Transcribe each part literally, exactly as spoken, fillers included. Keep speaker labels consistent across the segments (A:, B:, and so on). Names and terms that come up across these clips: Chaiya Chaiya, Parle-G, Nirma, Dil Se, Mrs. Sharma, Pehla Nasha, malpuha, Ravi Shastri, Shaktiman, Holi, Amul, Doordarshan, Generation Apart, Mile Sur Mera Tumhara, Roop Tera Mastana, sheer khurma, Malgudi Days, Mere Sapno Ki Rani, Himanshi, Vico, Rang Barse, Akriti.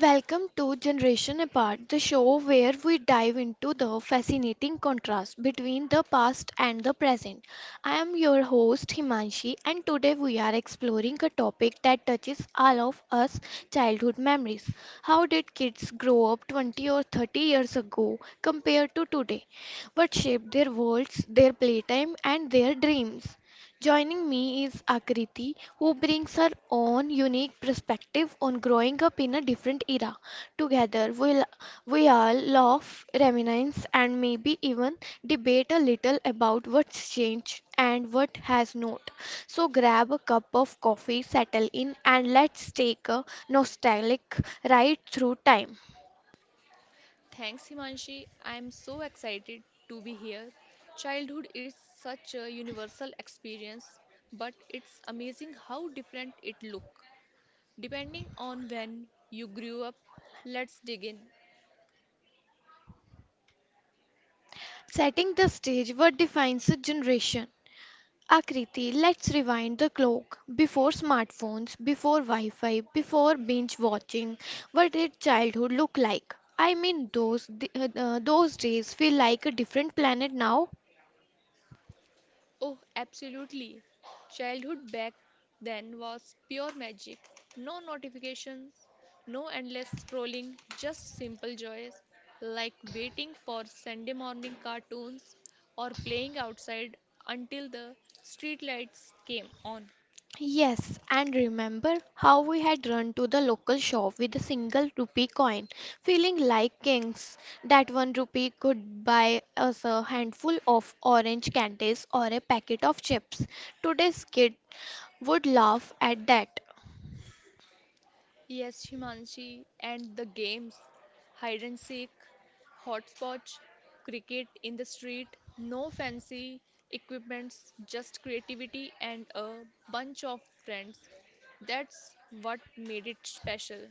A: Welcome to Generation Apart, the show where we dive into the fascinating contrast between the past and the present. I am your host Himanshi, and today we are exploring a topic that touches all of us childhood memories. How did kids grow up twenty or thirty years ago compared to today? What shaped their worlds, their playtime, and their dreams? Joining me is Akriti, who brings her own unique perspective on growing up in a different era. Together, we'll, we all laugh, reminisce, and maybe even debate a little about what's changed and what has not. So, grab a cup of coffee, settle in, and let's take a nostalgic ride through time.
B: Thanks, Himanshi. I'm so excited to be here. Childhood is such a universal experience, but it's amazing how different it looks depending on when you grew up. Let's dig in.
A: Setting the stage, what defines a generation? Akriti, let's rewind the clock. Before smartphones, before Wi Fi, before binge watching, what did childhood look like? I mean, those, d- uh, uh, those days feel like a different planet now.
B: Oh, absolutely. Childhood back then was pure magic. No notifications, no endless scrolling, just simple joys like waiting for Sunday morning cartoons or playing outside until the streetlights came on.
A: Yes, and remember how we had run to the local shop with a single rupee coin, feeling like kings. That one rupee could buy us a handful of orange candies or a packet of chips. Today's kid would laugh at that.
B: Yes, Himanshi, and the games, hide and seek, hopscotch, cricket in the street, no fancy equipments, just creativity and a bunch of friends. That's what made it special.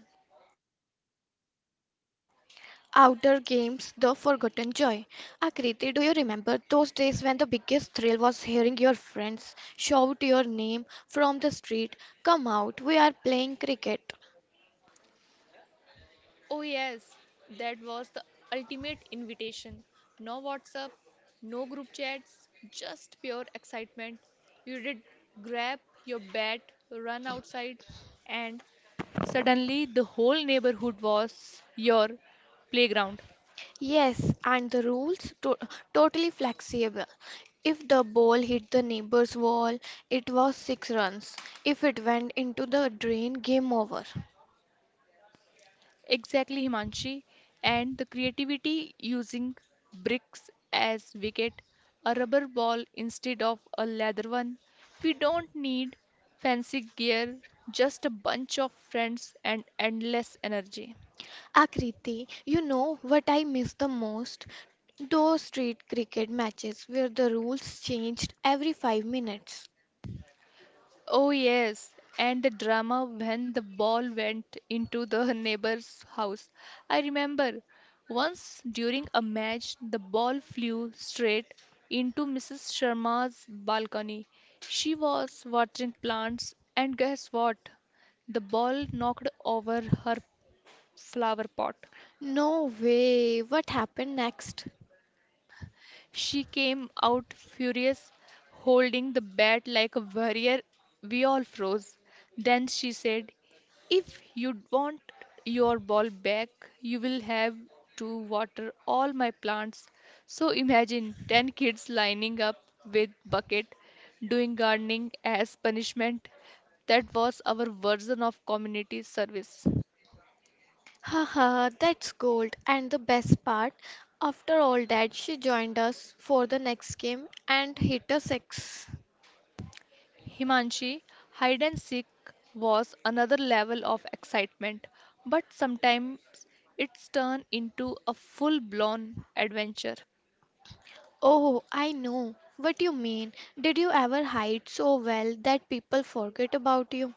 A: Outdoor games, the forgotten joy. Akriti, do you remember those days when the biggest thrill was hearing your friends shout your name from the street? Come out, we are playing cricket.
B: Oh, yes, that was the ultimate invitation. No WhatsApp, no group chats, just pure excitement. You did grab your bat, run outside, and suddenly the whole neighborhood was your playground.
A: Yes, and the rules to- totally flexible. If the ball hit the neighbor's wall, it was six runs. If it went into the drain, game over.
B: Exactly, Himanshi. And the creativity using bricks as wicket, a rubber ball instead of a leather one. We don't need fancy gear, just a bunch of friends and endless energy.
A: Akriti, you know what I miss the most? Those street cricket matches where the rules changed every five minutes.
B: Oh, yes, and the drama when the ball went into the neighbor's house. I remember once during a match, the ball flew straight into Missus Sharma's balcony. She was watering plants, and guess what? The ball knocked over her flower pot.
A: No way, what happened next?
B: She came out furious, holding the bat like a warrior. We all froze. Then she said, if you want your ball back, you will have to water all my plants. So imagine ten kids lining up with bucket doing gardening as punishment. That was our version of community service.
A: Haha, that's gold. And the best part, after all that, she joined us for the next game and hit a six.
B: Himanshi, hide and seek was another level of excitement, but sometimes it's turned into a full blown adventure.
A: Oh, I know what you mean. Did you ever hide so well that people forget about you?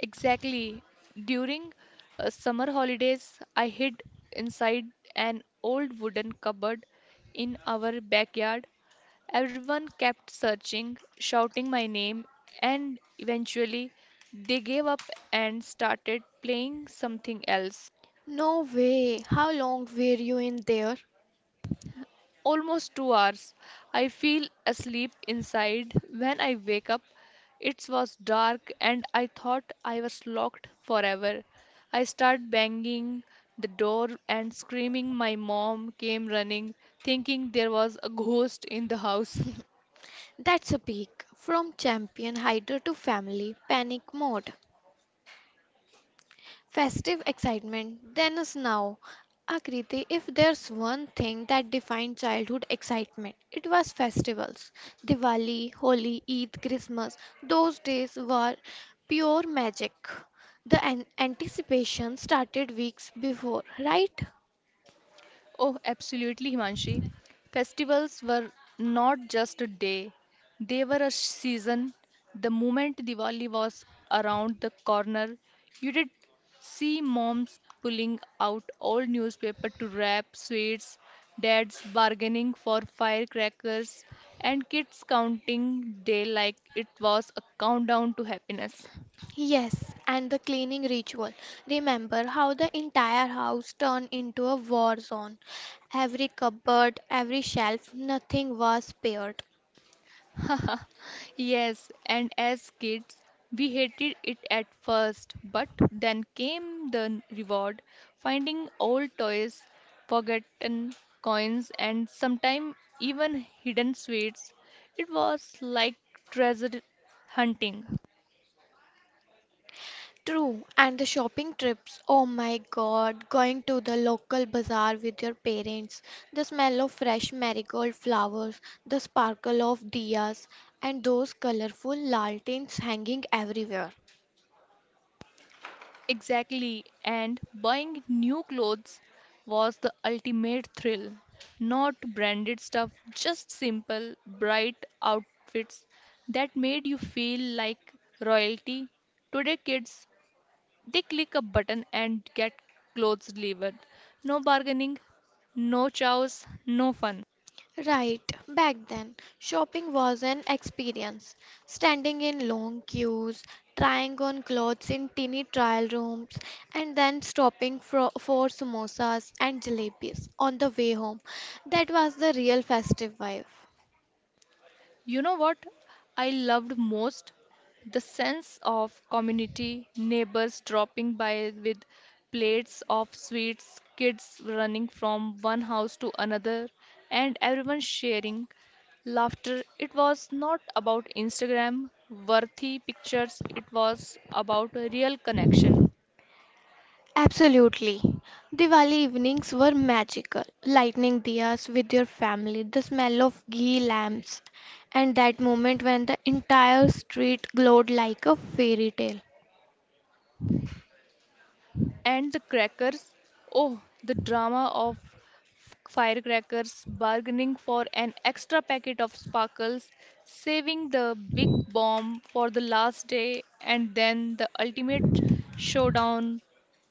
B: Exactly. During uh, summer holidays, I hid inside an old wooden cupboard in our backyard. Everyone kept searching, shouting my name, and eventually they gave up and started playing something else.
A: No way. How long were you in there?
B: Almost two hours. I feel asleep inside. When I wake up, it was dark and I thought I was locked forever. I start banging the door and screaming. My mom came running, thinking there was a ghost in the house.
A: That's a peak. From champion hider to family panic mode. Festive excitement then is now. Akriti, if there's one thing that defined childhood excitement, it was festivals. Diwali, Holi, Eid, Christmas. Those days were pure magic. The an- anticipation started weeks before, right?
B: Oh, absolutely, Himanshi. Festivals were not just a day, they were a season. The moment Diwali was around the corner, you did see moms pulling out old newspaper to wrap sweets, dads bargaining for firecrackers, and kids counting day like it was a countdown to happiness.
A: Yes, and the cleaning ritual. Remember how the entire house turned into a war zone. Every cupboard, every shelf, nothing was spared.
B: Yes, and as kids, we hated it at first, but then came the n- reward, finding old toys, forgotten coins, and sometimes even hidden sweets. It was like treasure hunting.
A: True, and the shopping trips. Oh my god, going to the local bazaar with your parents. The smell of fresh marigold flowers, the sparkle of diyas, and those colorful lanterns hanging everywhere.
B: Exactly, and buying new clothes was the ultimate thrill. Not branded stuff, just simple, bright outfits that made you feel like royalty. Today, kids, they click a button and get clothes delivered. No bargaining, no chows, no fun.
A: Right, back then, shopping was an experience. Standing in long queues, trying on clothes in teeny trial rooms, and then stopping for, for samosas and jalebis on the way home. That was the real festive vibe.
B: You know what I loved most? The sense of community, neighbors dropping by with plates of sweets, kids running from one house to another, and everyone sharing laughter. It was not about Instagram worthy pictures, it was about a real connection.
A: Absolutely. Diwali evenings were magical. Lighting diyas with your family, the smell of ghee lamps, and that moment when the entire street glowed like a fairy tale.
B: And the crackers. Oh, the drama of f- firecrackers, bargaining for an extra packet of sparkles, saving the big bomb for the last day, and then the ultimate showdown,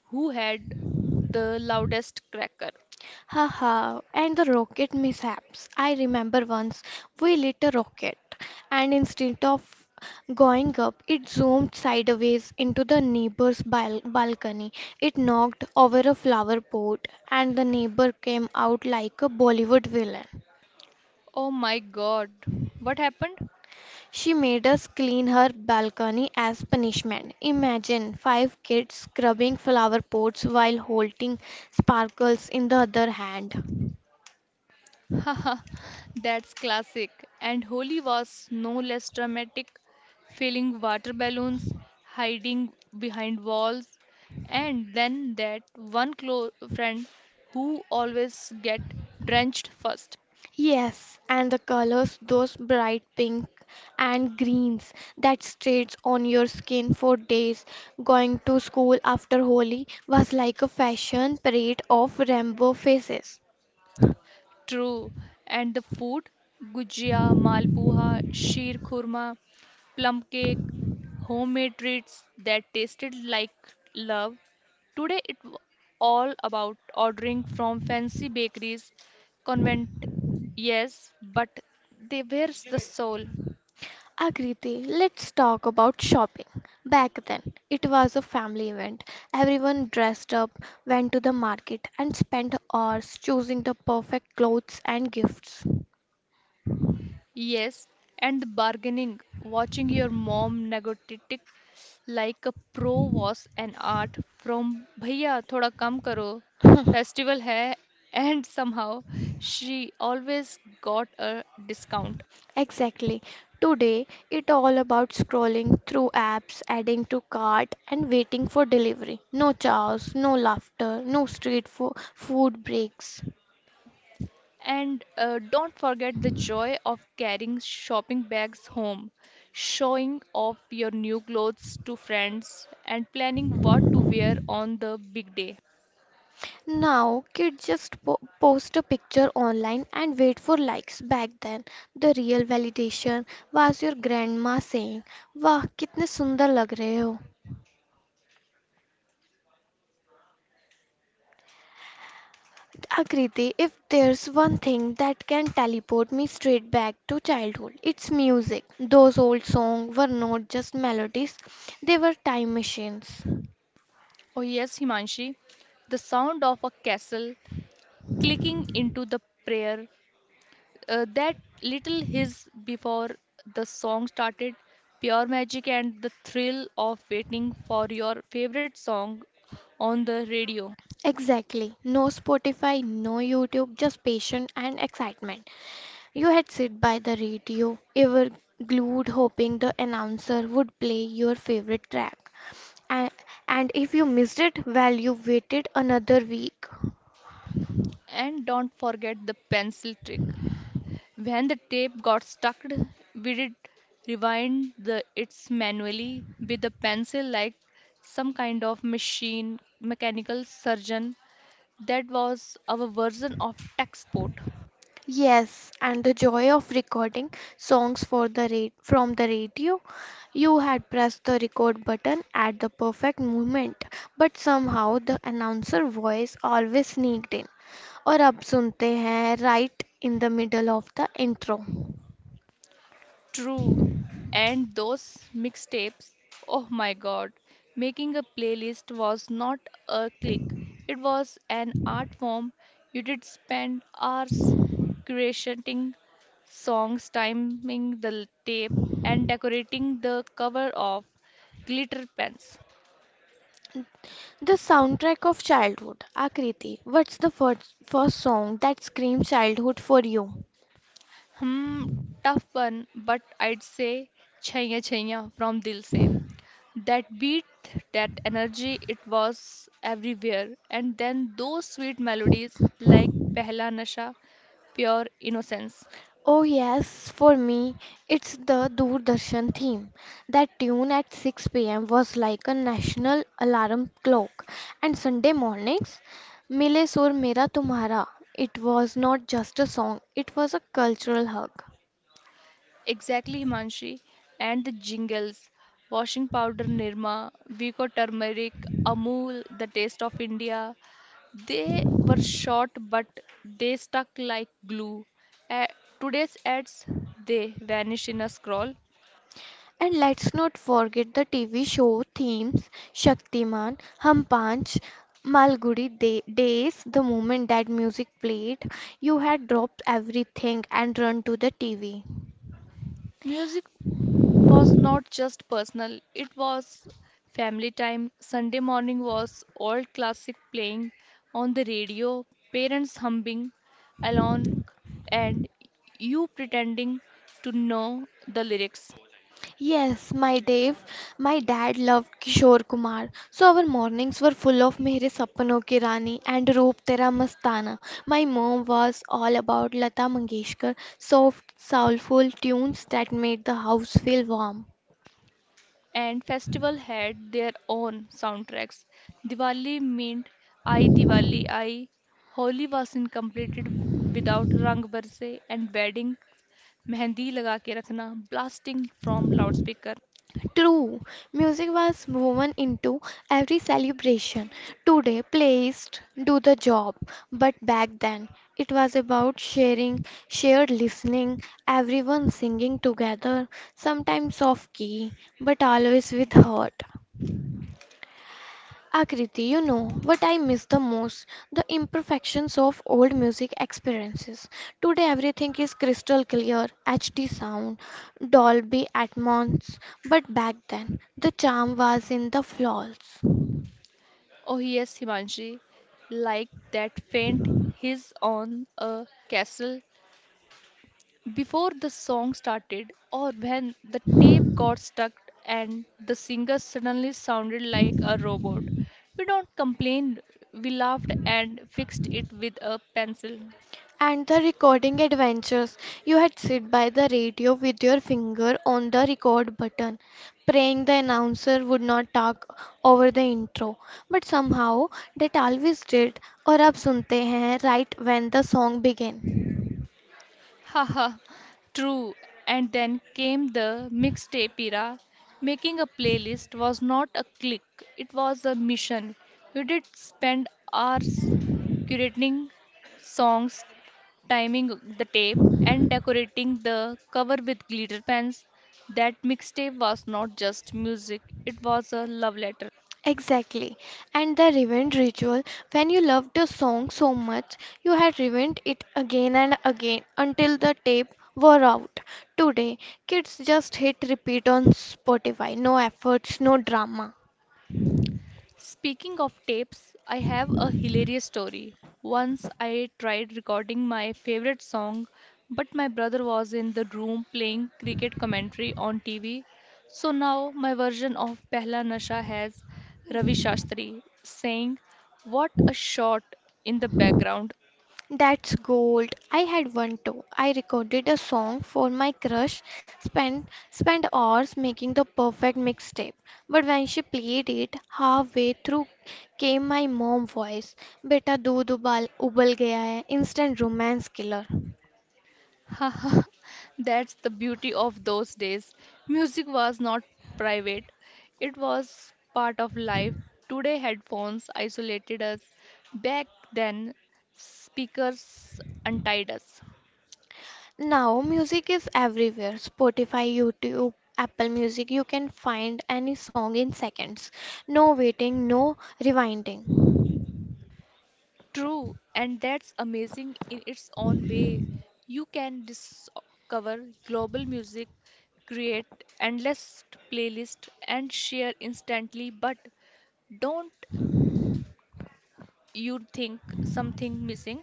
B: who had the loudest cracker.
A: Haha, and the rocket mishaps. I remember once we lit a rocket, and instead of going up, it zoomed sideways into the neighbor's bal balcony. It knocked over a flower pot, and the neighbor came out like a Bollywood villain.
B: Oh my god, what happened?
A: She made us clean her balcony as punishment. Imagine five kids scrubbing flower pots while holding sparkles in the other hand.
B: Haha, that's classic. And Holi was no less dramatic, filling water balloons, hiding behind walls, and then that one close friend who always get drenched first.
A: Yes, and the colors, those bright pink and greens that stayed on your skin for days. Going to school after Holi was like a fashion parade of rainbow faces.
B: True. And the food? Gujia, malpuha, sheer khurma, plum cake, homemade treats that tasted like love. Today it was all about ordering from fancy bakeries, convent, yes, but they were the soul.
A: Agriti, let's talk about shopping. Back then, it was a family event. Everyone dressed up, went to the market, and spent hours choosing the perfect clothes and gifts.
B: Yes, and the bargaining, watching your mom negotiate like a pro was an art from भैया थोड़ा कम करो festival है, and somehow she always got a discount.
A: Exactly. Today, it all about scrolling through apps, adding to cart, and waiting for delivery. No chaos, no laughter, no street fo- food breaks.
B: And uh, don't forget the joy of carrying shopping bags home, showing off your new clothes to friends, and planning what to wear on the big day.
A: Now, kids just po- post a picture online and wait for likes. Back then, the real validation was your grandma saying, "वाह, कितने सुंदर लग रहे हो." Akriti, if there's one thing that can teleport me straight back to childhood, it's music. Those old songs were not just melodies, they were time machines.
B: Oh, yes, Himanshi, the sound of a castle clicking into the prayer. Uh, that little hiss before the song started, pure magic, and the thrill of waiting for your favorite song on the radio.
A: Exactly. No Spotify, no YouTube, just patience and excitement. You had sit by the radio, ever glued hoping the announcer would play your favorite track. And, and if you missed it, well, you waited another week.
B: And don't forget the pencil trick. When the tape got stuck, we did rewind the its manually with a pencil like some kind of machine mechanical surgeon, that was our version of tech support.
A: Yes, and the joy of recording songs for the ra- from the radio. You had pressed the record button at the perfect moment, but somehow the announcer voice always sneaked in. और अब सुनते हैं right in the middle of the intro.
B: True. And those mixtapes, oh my god, making a playlist was not a click. It was an art form. You did spend hours creating songs, timing the tape, and decorating the cover of glitter pens.
A: The soundtrack of childhood. Akriti, what's the first, first song that screams childhood for you?
B: Hmm, tough one, but I'd say chaiya chaiya from Dil Se. That beat, that energy, it was everywhere. And then those sweet melodies like Pehla Nasha, pure innocence.
A: Oh, yes, for me, it's the Doordarshan theme. That tune at six p m was like a national alarm clock. And Sunday mornings, Mile Sur Mera Tumhara, it was not just a song, it was a cultural hug.
B: Exactly, Himanshi. And the jingles, washing powder Nirma, Vico turmeric, Amul, the taste of India. They were short, but they stuck like glue. A- Today's ads, they vanish in a scroll.
A: And let's not forget the T V show themes Shaktiman, Hum Panch, Malgudi Day- Days. The moment that music played, you had dropped everything and run to the T V.
B: Music was not just personal, it was family time. Sunday morning was old classic playing on the radio, parents humming along, and you pretending to know the lyrics.
A: Yes, my Dave, my dad loved Kishore Kumar. So our mornings were full of Mere Sapno Ki Rani and Roop Tera Mastana. My mom was all about Lata Mangeshkar, soft, soulful tunes that made the house feel warm.
B: And festival had their own soundtracks. Diwali meant I Diwali I, Holi was incompleted without Rang Barse, and wedding mehndi लगा के रखना blasting from loudspeaker.
A: True, music was woven into every celebration. Today, playlists do the job, but back then it was about sharing, shared listening, everyone singing together, sometimes off key, but always with heart. Akriti, you know what I miss the most? The imperfections of old music experiences. Today everything is crystal clear, H D sound, Dolby Atmos, but back then the charm was in the flaws.
B: Oh, yes, Himanshi, like that faint hiss on a castle before the song started, or when the tape got stuck and the singer suddenly sounded like a robot. We don't complain, we laughed and fixed it with a pencil.
A: And the recording adventures. You had sit by the radio with your finger on the record button, praying the announcer would not talk over the intro. But somehow that always did, or ab sunte hain right when the song began.
B: Haha, true. And then came the mixtape era. Making a playlist was not a click, it was a mission. You did spend hours curating songs, timing the tape, and decorating the cover with glitter pens. That mixtape was not just music, it was a love letter.
A: Exactly. And the revenge ritual, when you loved a song so much, you had revenge it again and again until the tape wore out. Today, kids just hit repeat on Spotify. No efforts, no drama.
B: Speaking of tapes, I have a hilarious story. Once I tried recording my favorite song, but my brother was in the room playing cricket commentary on T V. So now my version of Pehla Nasha has Ravi Shastri saying, what a shot in the background.
A: That's gold. I had one too. I recorded a song for my crush, spent spent hours making the perfect mixtape. But when she played it, halfway through came my mom voice. Beta doodh ubal ubal gaya hai. Instant romance killer.
B: Haha, that's the beauty of those days. Music was not private, it was part of life. Today, headphones isolated us. Back then, speakers untied us.
A: Now music is everywhere. Spotify, YouTube, Apple Music. You can find any song in seconds. No waiting, no rewinding.
B: True, and that's amazing in its own way. You can discover global music, create endless playlists, and share instantly, but don't you think something missing?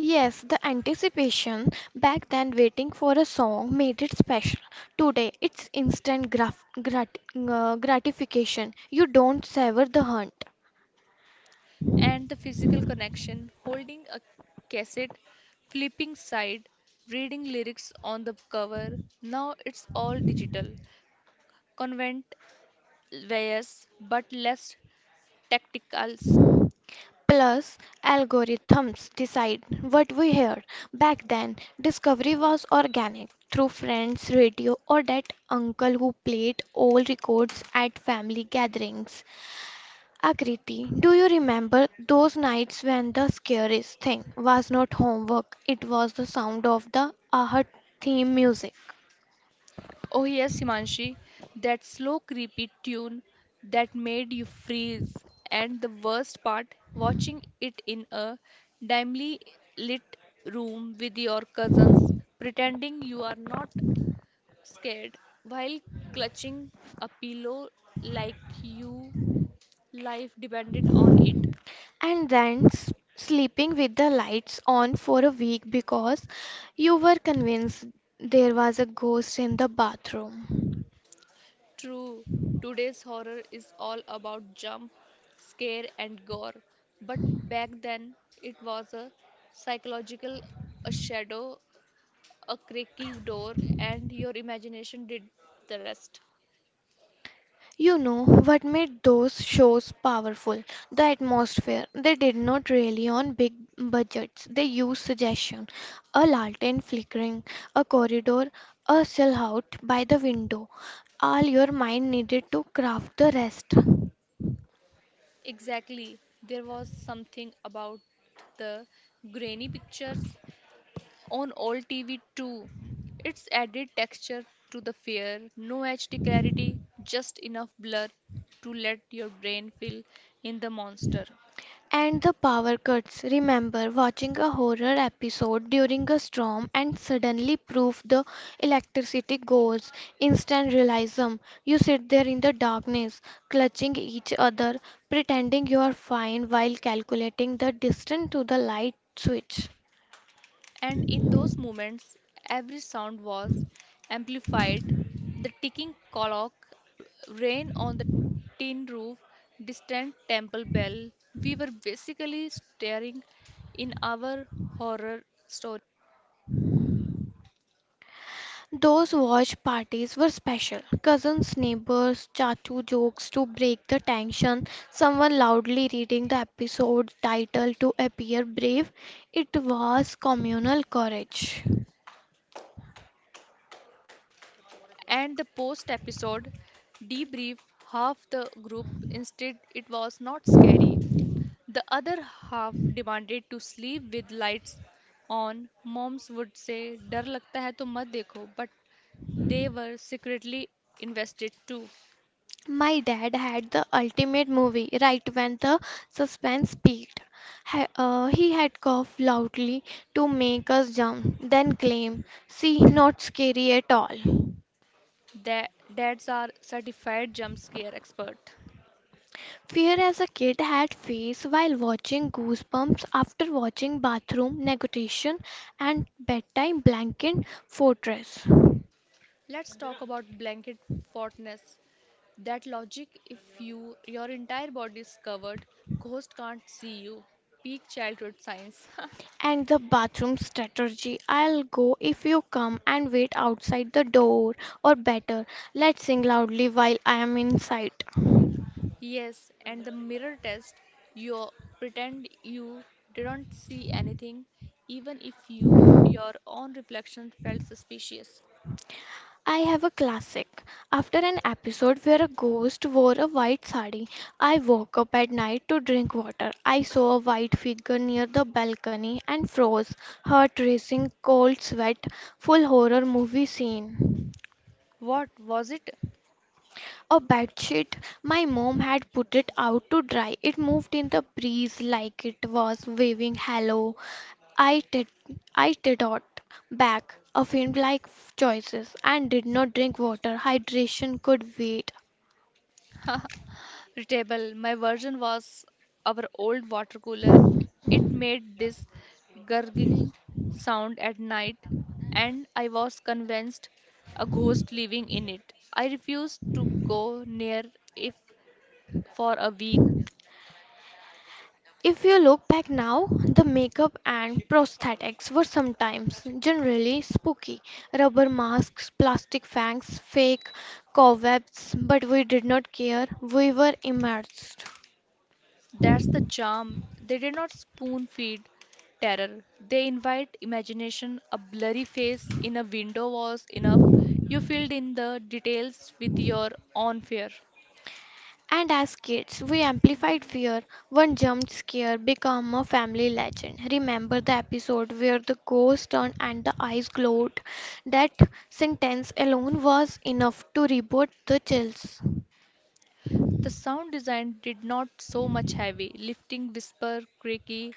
A: Yes, the anticipation back then waiting for a song made it special. Today, it's instant graf grat uh, gratification. You don't savor the hunt.
B: And the physical connection, holding a cassette, flipping side, reading lyrics on the cover. Now it's all digital. Convent wears, but less tacticals.
A: Plus, algorithms decide what we hear. Back then, discovery was organic through friends, radio, or that uncle who played old records at family gatherings. Akriti, do you remember those nights when the scariest thing was not homework, it was the sound of the Ahat theme music?
B: Oh, yes, Himanshi, that slow, creepy tune that made you freeze. And the worst part, watching it in a dimly lit room with your cousins, pretending you are not scared while clutching a pillow like you life depended on it.
A: And then s- sleeping with the lights on for a week because you were convinced there was a ghost in the bathroom.
B: True, today's horror is all about jump, scare, and gore, but back then it was a psychological, a shadow, a creaky door, and your imagination did the rest.
A: You know what made those shows powerful? The atmosphere. They did not rely on big budgets. They used suggestion, a lantern flickering, a corridor, a silhouette by the window. All your mind needed to craft the rest.
B: Exactly, there was something about the grainy pictures, on old T V too. It's added texture to the fare, no H D clarity, just enough blur to let your brain fill in the monster.
A: And the power cuts. Remember watching a horror episode during a storm and suddenly proof the electricity goes. Instant realism. You sit there in the darkness, clutching each other, pretending you are fine while calculating the distance to the light switch.
B: And in those moments, every sound was amplified. The ticking clock, rain on the tin roof, distant temple bell. We were basically staring in our horror story.
A: Those watch parties were special. Cousins, neighbors, chachu jokes to break the tension, someone loudly reading the episode title to appear brave. It was communal courage.
B: And the post episode debrief, half the group instead, it was not scary, the other half demanded to sleep with lights on. Moms would say डर लगता है तो मत देखो, but they were secretly invested too.
A: My dad had the ultimate movie right when the suspense peaked. Ha- uh, he had coughed loudly to make us jump, then claim, See, not scary at all.
B: Their dads are certified jump scare expert.
A: Fear as a kid had face while watching Goosebumps after watching Bathroom Negotiation and Bedtime Blanket Fortress
B: Let's talk about blanket fortness. That logic, if you your entire body is covered, ghost can't see you. Peak childhood science.
A: and the bathroom strategy. I'll go if you come and wait outside the door or better, let's sing loudly while I am inside.
B: Yes, and the mirror test, you pretend you didn't see anything, even if you your own reflection felt suspicious.
A: I have a classic. After an episode where a ghost wore a white sari, I woke up at night to drink water. I saw a white figure near the balcony and froze, heart racing, cold sweat, full horror movie scene.
B: What was it?
A: A bedsheet. My mom had put it out to dry. It moved in the breeze like it was waving hello. I did I did not back a faint like choices and did not drink water. Hydration could wait.
B: Table. My version was our old water cooler. It made this gurgling sound at night, and I was convinced a ghost living in it. I refused to go near it for a week.
A: If you look back now, the makeup and prosthetics were sometimes generally spooky. Rubber masks, plastic fangs, fake cobwebs, but we did not care. We were immersed.
B: That's the charm. They did not spoon feed terror. They invite imagination. A blurry face in a window was enough. You filled in the details with your own fear.
A: And as kids, we amplified fear. One jump scare became a family legend. Remember the episode where the ghost turned and the eyes glowed? That sentence alone was enough to reboot the chills.
B: The sound design did not so much heavy, lifting whisper creaky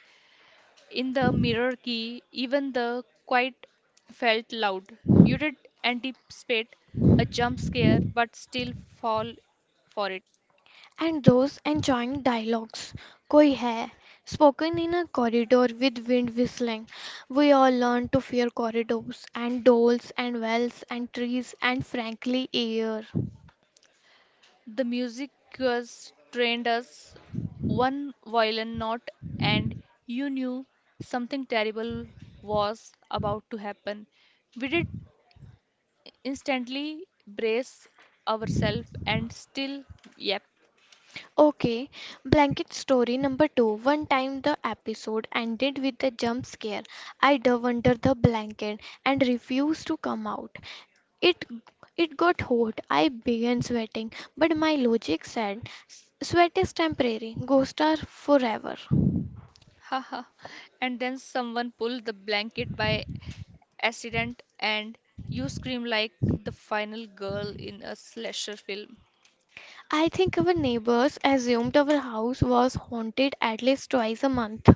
B: in the mirror key, even the quiet felt loud. You did anticipate a jump scare but still fall for it.
A: And those enjoying dialogues. Koi hai. Spoken in a corridor with wind whistling. We all learn to fear corridors and dolls and wells and trees and frankly air.
B: The music was trained us, one violin note and you knew something terrible was about to happen. We did instantly brace ourselves and still yep.
A: Okay, blanket story number two. One time the episode ended with a jump scare. I dove under the blanket and refused to come out. It it got hot. I began sweating, but my logic said, "S- Sweat is temporary, ghosts are forever."
B: Haha. And then someone pulled the blanket by accident and you scream like the final girl in a slasher film.
A: I think our neighbors assumed our house was haunted at least twice a month.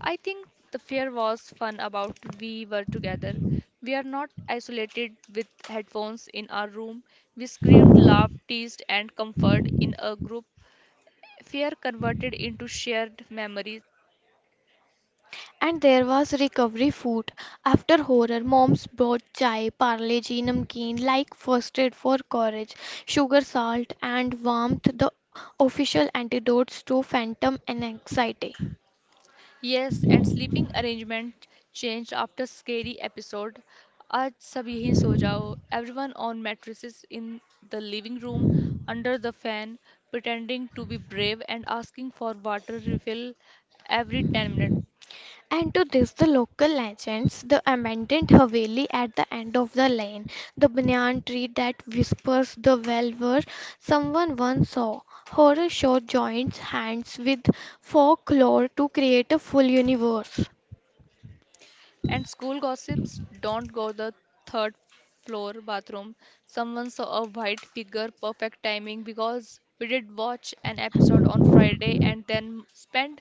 B: I think the fear was fun about we were together. We are not isolated with headphones in our room. We screamed, laughed, teased, and comforted in a group. Fear converted into shared memories.
A: And there was recovery food. After horror, moms brought chai, parle-ji, namkeen, like first aid for courage, sugar, salt, and warmth, the official antidotes to phantom and anxiety.
B: Yes, and sleeping arrangement changed after scary episode. आज सब यहीं सो जाओ. Everyone on mattresses in the living room, under the fan, pretending to be brave and asking for water refill every ten minutes.
A: And to this, the local legends, the abandoned Haveli at the end of the lane, the banyan tree that whispers the well where someone once saw. Horror show joins hands with folklore to create a full universe.
B: And school gossips, don't go the third floor bathroom. Someone saw a white figure, perfect timing because we did watch an episode on Friday and then spent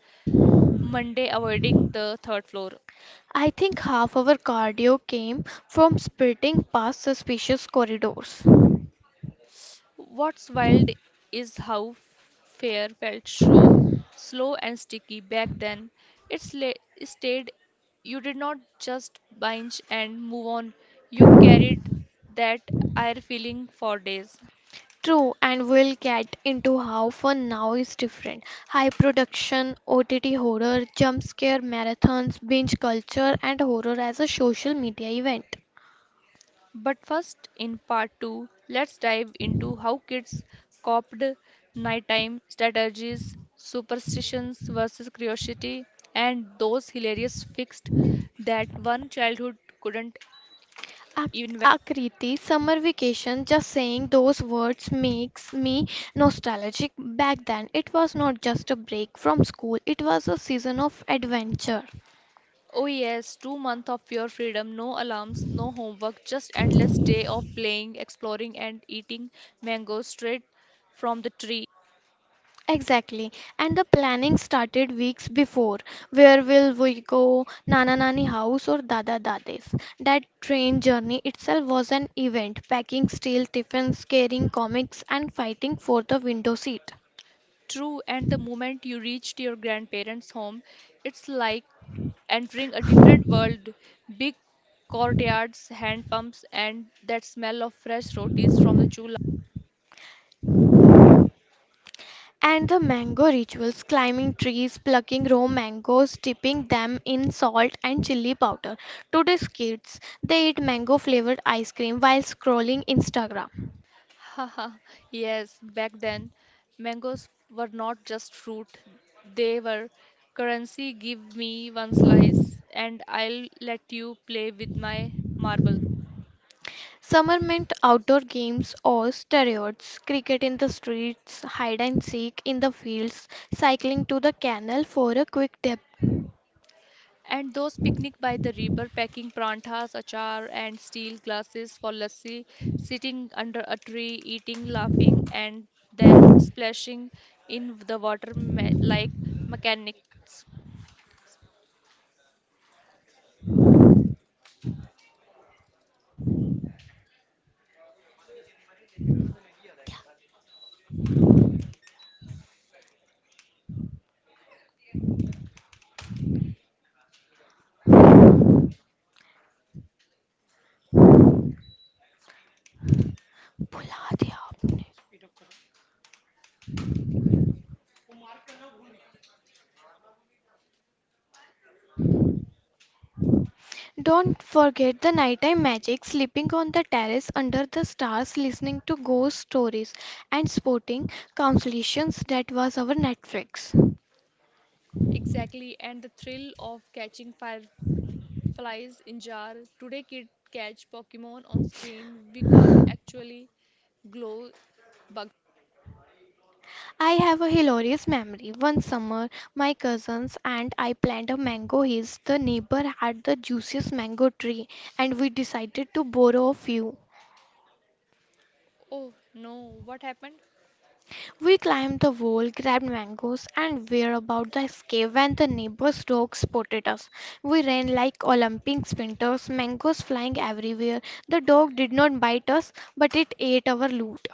B: Monday avoiding the third floor.
A: I think half our cardio came from sprinting past suspicious corridors.
B: What's wild is how Fair felt so slow and sticky back then. It sla- it stayed. You did not just binge and move on. You carried that air feeling for days.
A: True, and we'll get into how fun now is different. High production, O T T horror, jump scare marathons, binge culture, and horror as a social media event.
B: But first, in part two, let's dive into how kids coped nighttime strategies, superstitions versus curiosity, and those hilarious fixed that one childhood couldn't
A: Ak-
B: even.
A: Akriti, summer vacation, just saying those words makes me nostalgic. Back then, it was not just a break from school, it was a season of adventure.
B: Oh yes, two months of pure freedom, no alarms, no homework, just endless day of playing, exploring and eating mangoes straight from the tree.
A: Exactly. And the planning started weeks before. Where will we go? Nana Nani house or Dada Dade's? That train journey itself was an event, packing steel tiffins, carrying comics, and fighting for the window seat.
B: True, and the moment you reached your grandparents' home, it's like entering a different world. Big courtyards, hand pumps, and that smell of fresh rotis from the chulha.
A: And the mango rituals, climbing trees, plucking raw mangoes, dipping them in salt and chili powder. Today's kids, they eat mango flavored ice cream while scrolling Instagram.
B: Haha, yes, back then, mangoes were not just fruit, they were currency. Give me one slice and I'll let you play with my marble.
A: Summer meant outdoor games or steroids, cricket in the streets, hide and seek in the fields, cycling to the canal for a quick dip.
B: And those picnic by the river, packing prantas, achar, and steel glasses for lassi, sitting under a tree, eating, laughing, and then splashing in the water me- like mechanics.
A: भुला दिया आपने. Don't forget the nighttime magic, sleeping on the terrace under the stars, listening to ghost stories, and sporting consolations that was our Netflix.
B: Exactly, and the thrill of catching fire flies in jar. Today kid catch Pokemon on screen. We can't actually glow bug.
A: I have a hilarious memory. One summer, my cousins and I planted a mango hill. The neighbor had the juiciest mango tree, and we decided to borrow a few.
B: Oh no, what happened?
A: We climbed the wall, grabbed mangoes, and were about to escape when the neighbor's dog spotted us. We ran like Olympic sprinters, mangoes flying everywhere. The dog did not bite us, but it ate our loot.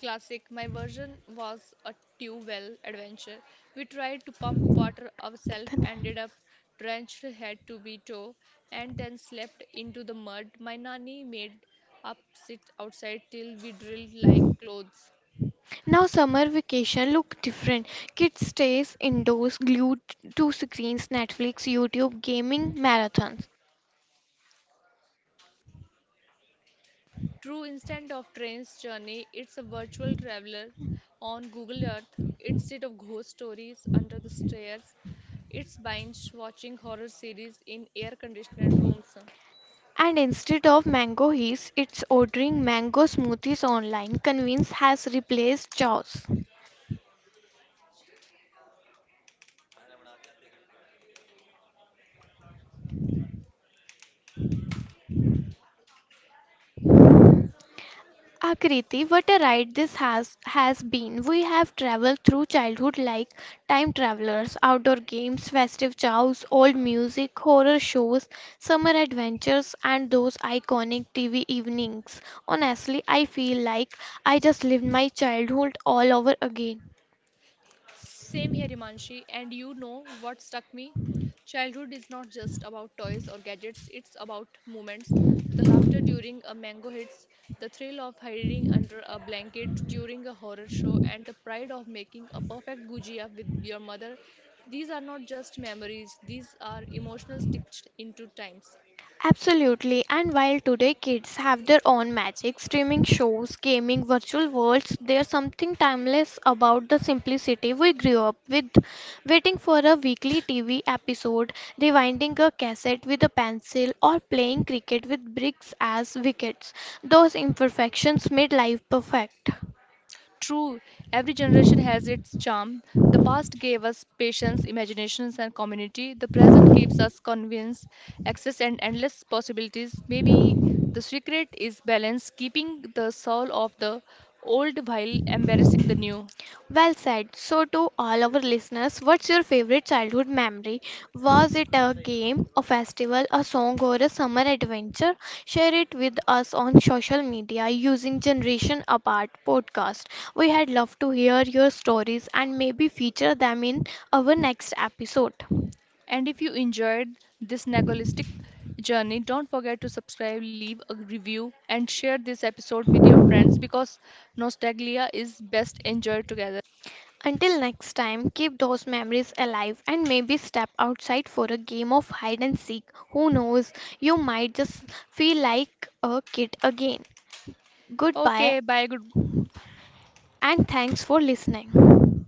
B: Classic. My version was a tube well adventure. We tried to pump water ourselves,
A: कितना है?
B: ended up drenched head to be toe, and then slept into the mud. My nanny made up sit outside till we drilled like clothes.
A: Now summer vacation look different. Kids stays indoors glued to screens, Netflix, YouTube, gaming, marathons.
B: True, instead of train's journey, it's a virtual traveler on Google Earth. Instead of ghost stories under the stairs, it's binge watching horror series in air conditioned rooms.
A: And instead of mango heaps, it's ordering mango smoothies online. Convenience has replaced chores. Akriti, what a ride this has has been. We have traveled through childhood like time travelers, outdoor games, festive chows, old music, horror shows, summer adventures, and those iconic T V evenings. Honestly, I feel like I just lived my childhood all over again.
B: Same here, Himanshi. And you know what struck me? Childhood is not just about toys or gadgets, it's about moments. The laughter during a mango hits, the thrill of hiding under a blanket during a horror show, and the pride of making a perfect gujia with your mother. These are not just memories, these are emotional stitched into times.
A: Absolutely, and while today kids have their own magic, streaming shows, gaming, virtual worlds, there's something timeless about the simplicity we grew up with. Waiting for a weekly T V episode, rewinding a cassette with a pencil, or playing cricket with bricks as wickets. Those imperfections made life perfect.
B: True, every generation has its charm. The past gave us patience, imaginations, and community. The present gives us convenience, access, and endless possibilities. Maybe the secret is balance, keeping the soul of the old while embarrassing the new.
A: Well said. So, to all our listeners, what's your favorite childhood memory? Was it a game, a festival, a song, or a summer adventure? Share it with us on social media using Generation Apart podcast. We had loved to hear your stories and maybe feature them in our next episode.
B: And if you enjoyed this nagolistic journey, don't forget to subscribe, leave a review, and share this episode with your friends because nostalgia is best enjoyed together.
A: Until next time, keep those memories alive and maybe step outside for a game of hide and seek. Who knows, you might just feel like a kid again. Goodbye
B: Okay, bye. Good.
A: and thanks for listening.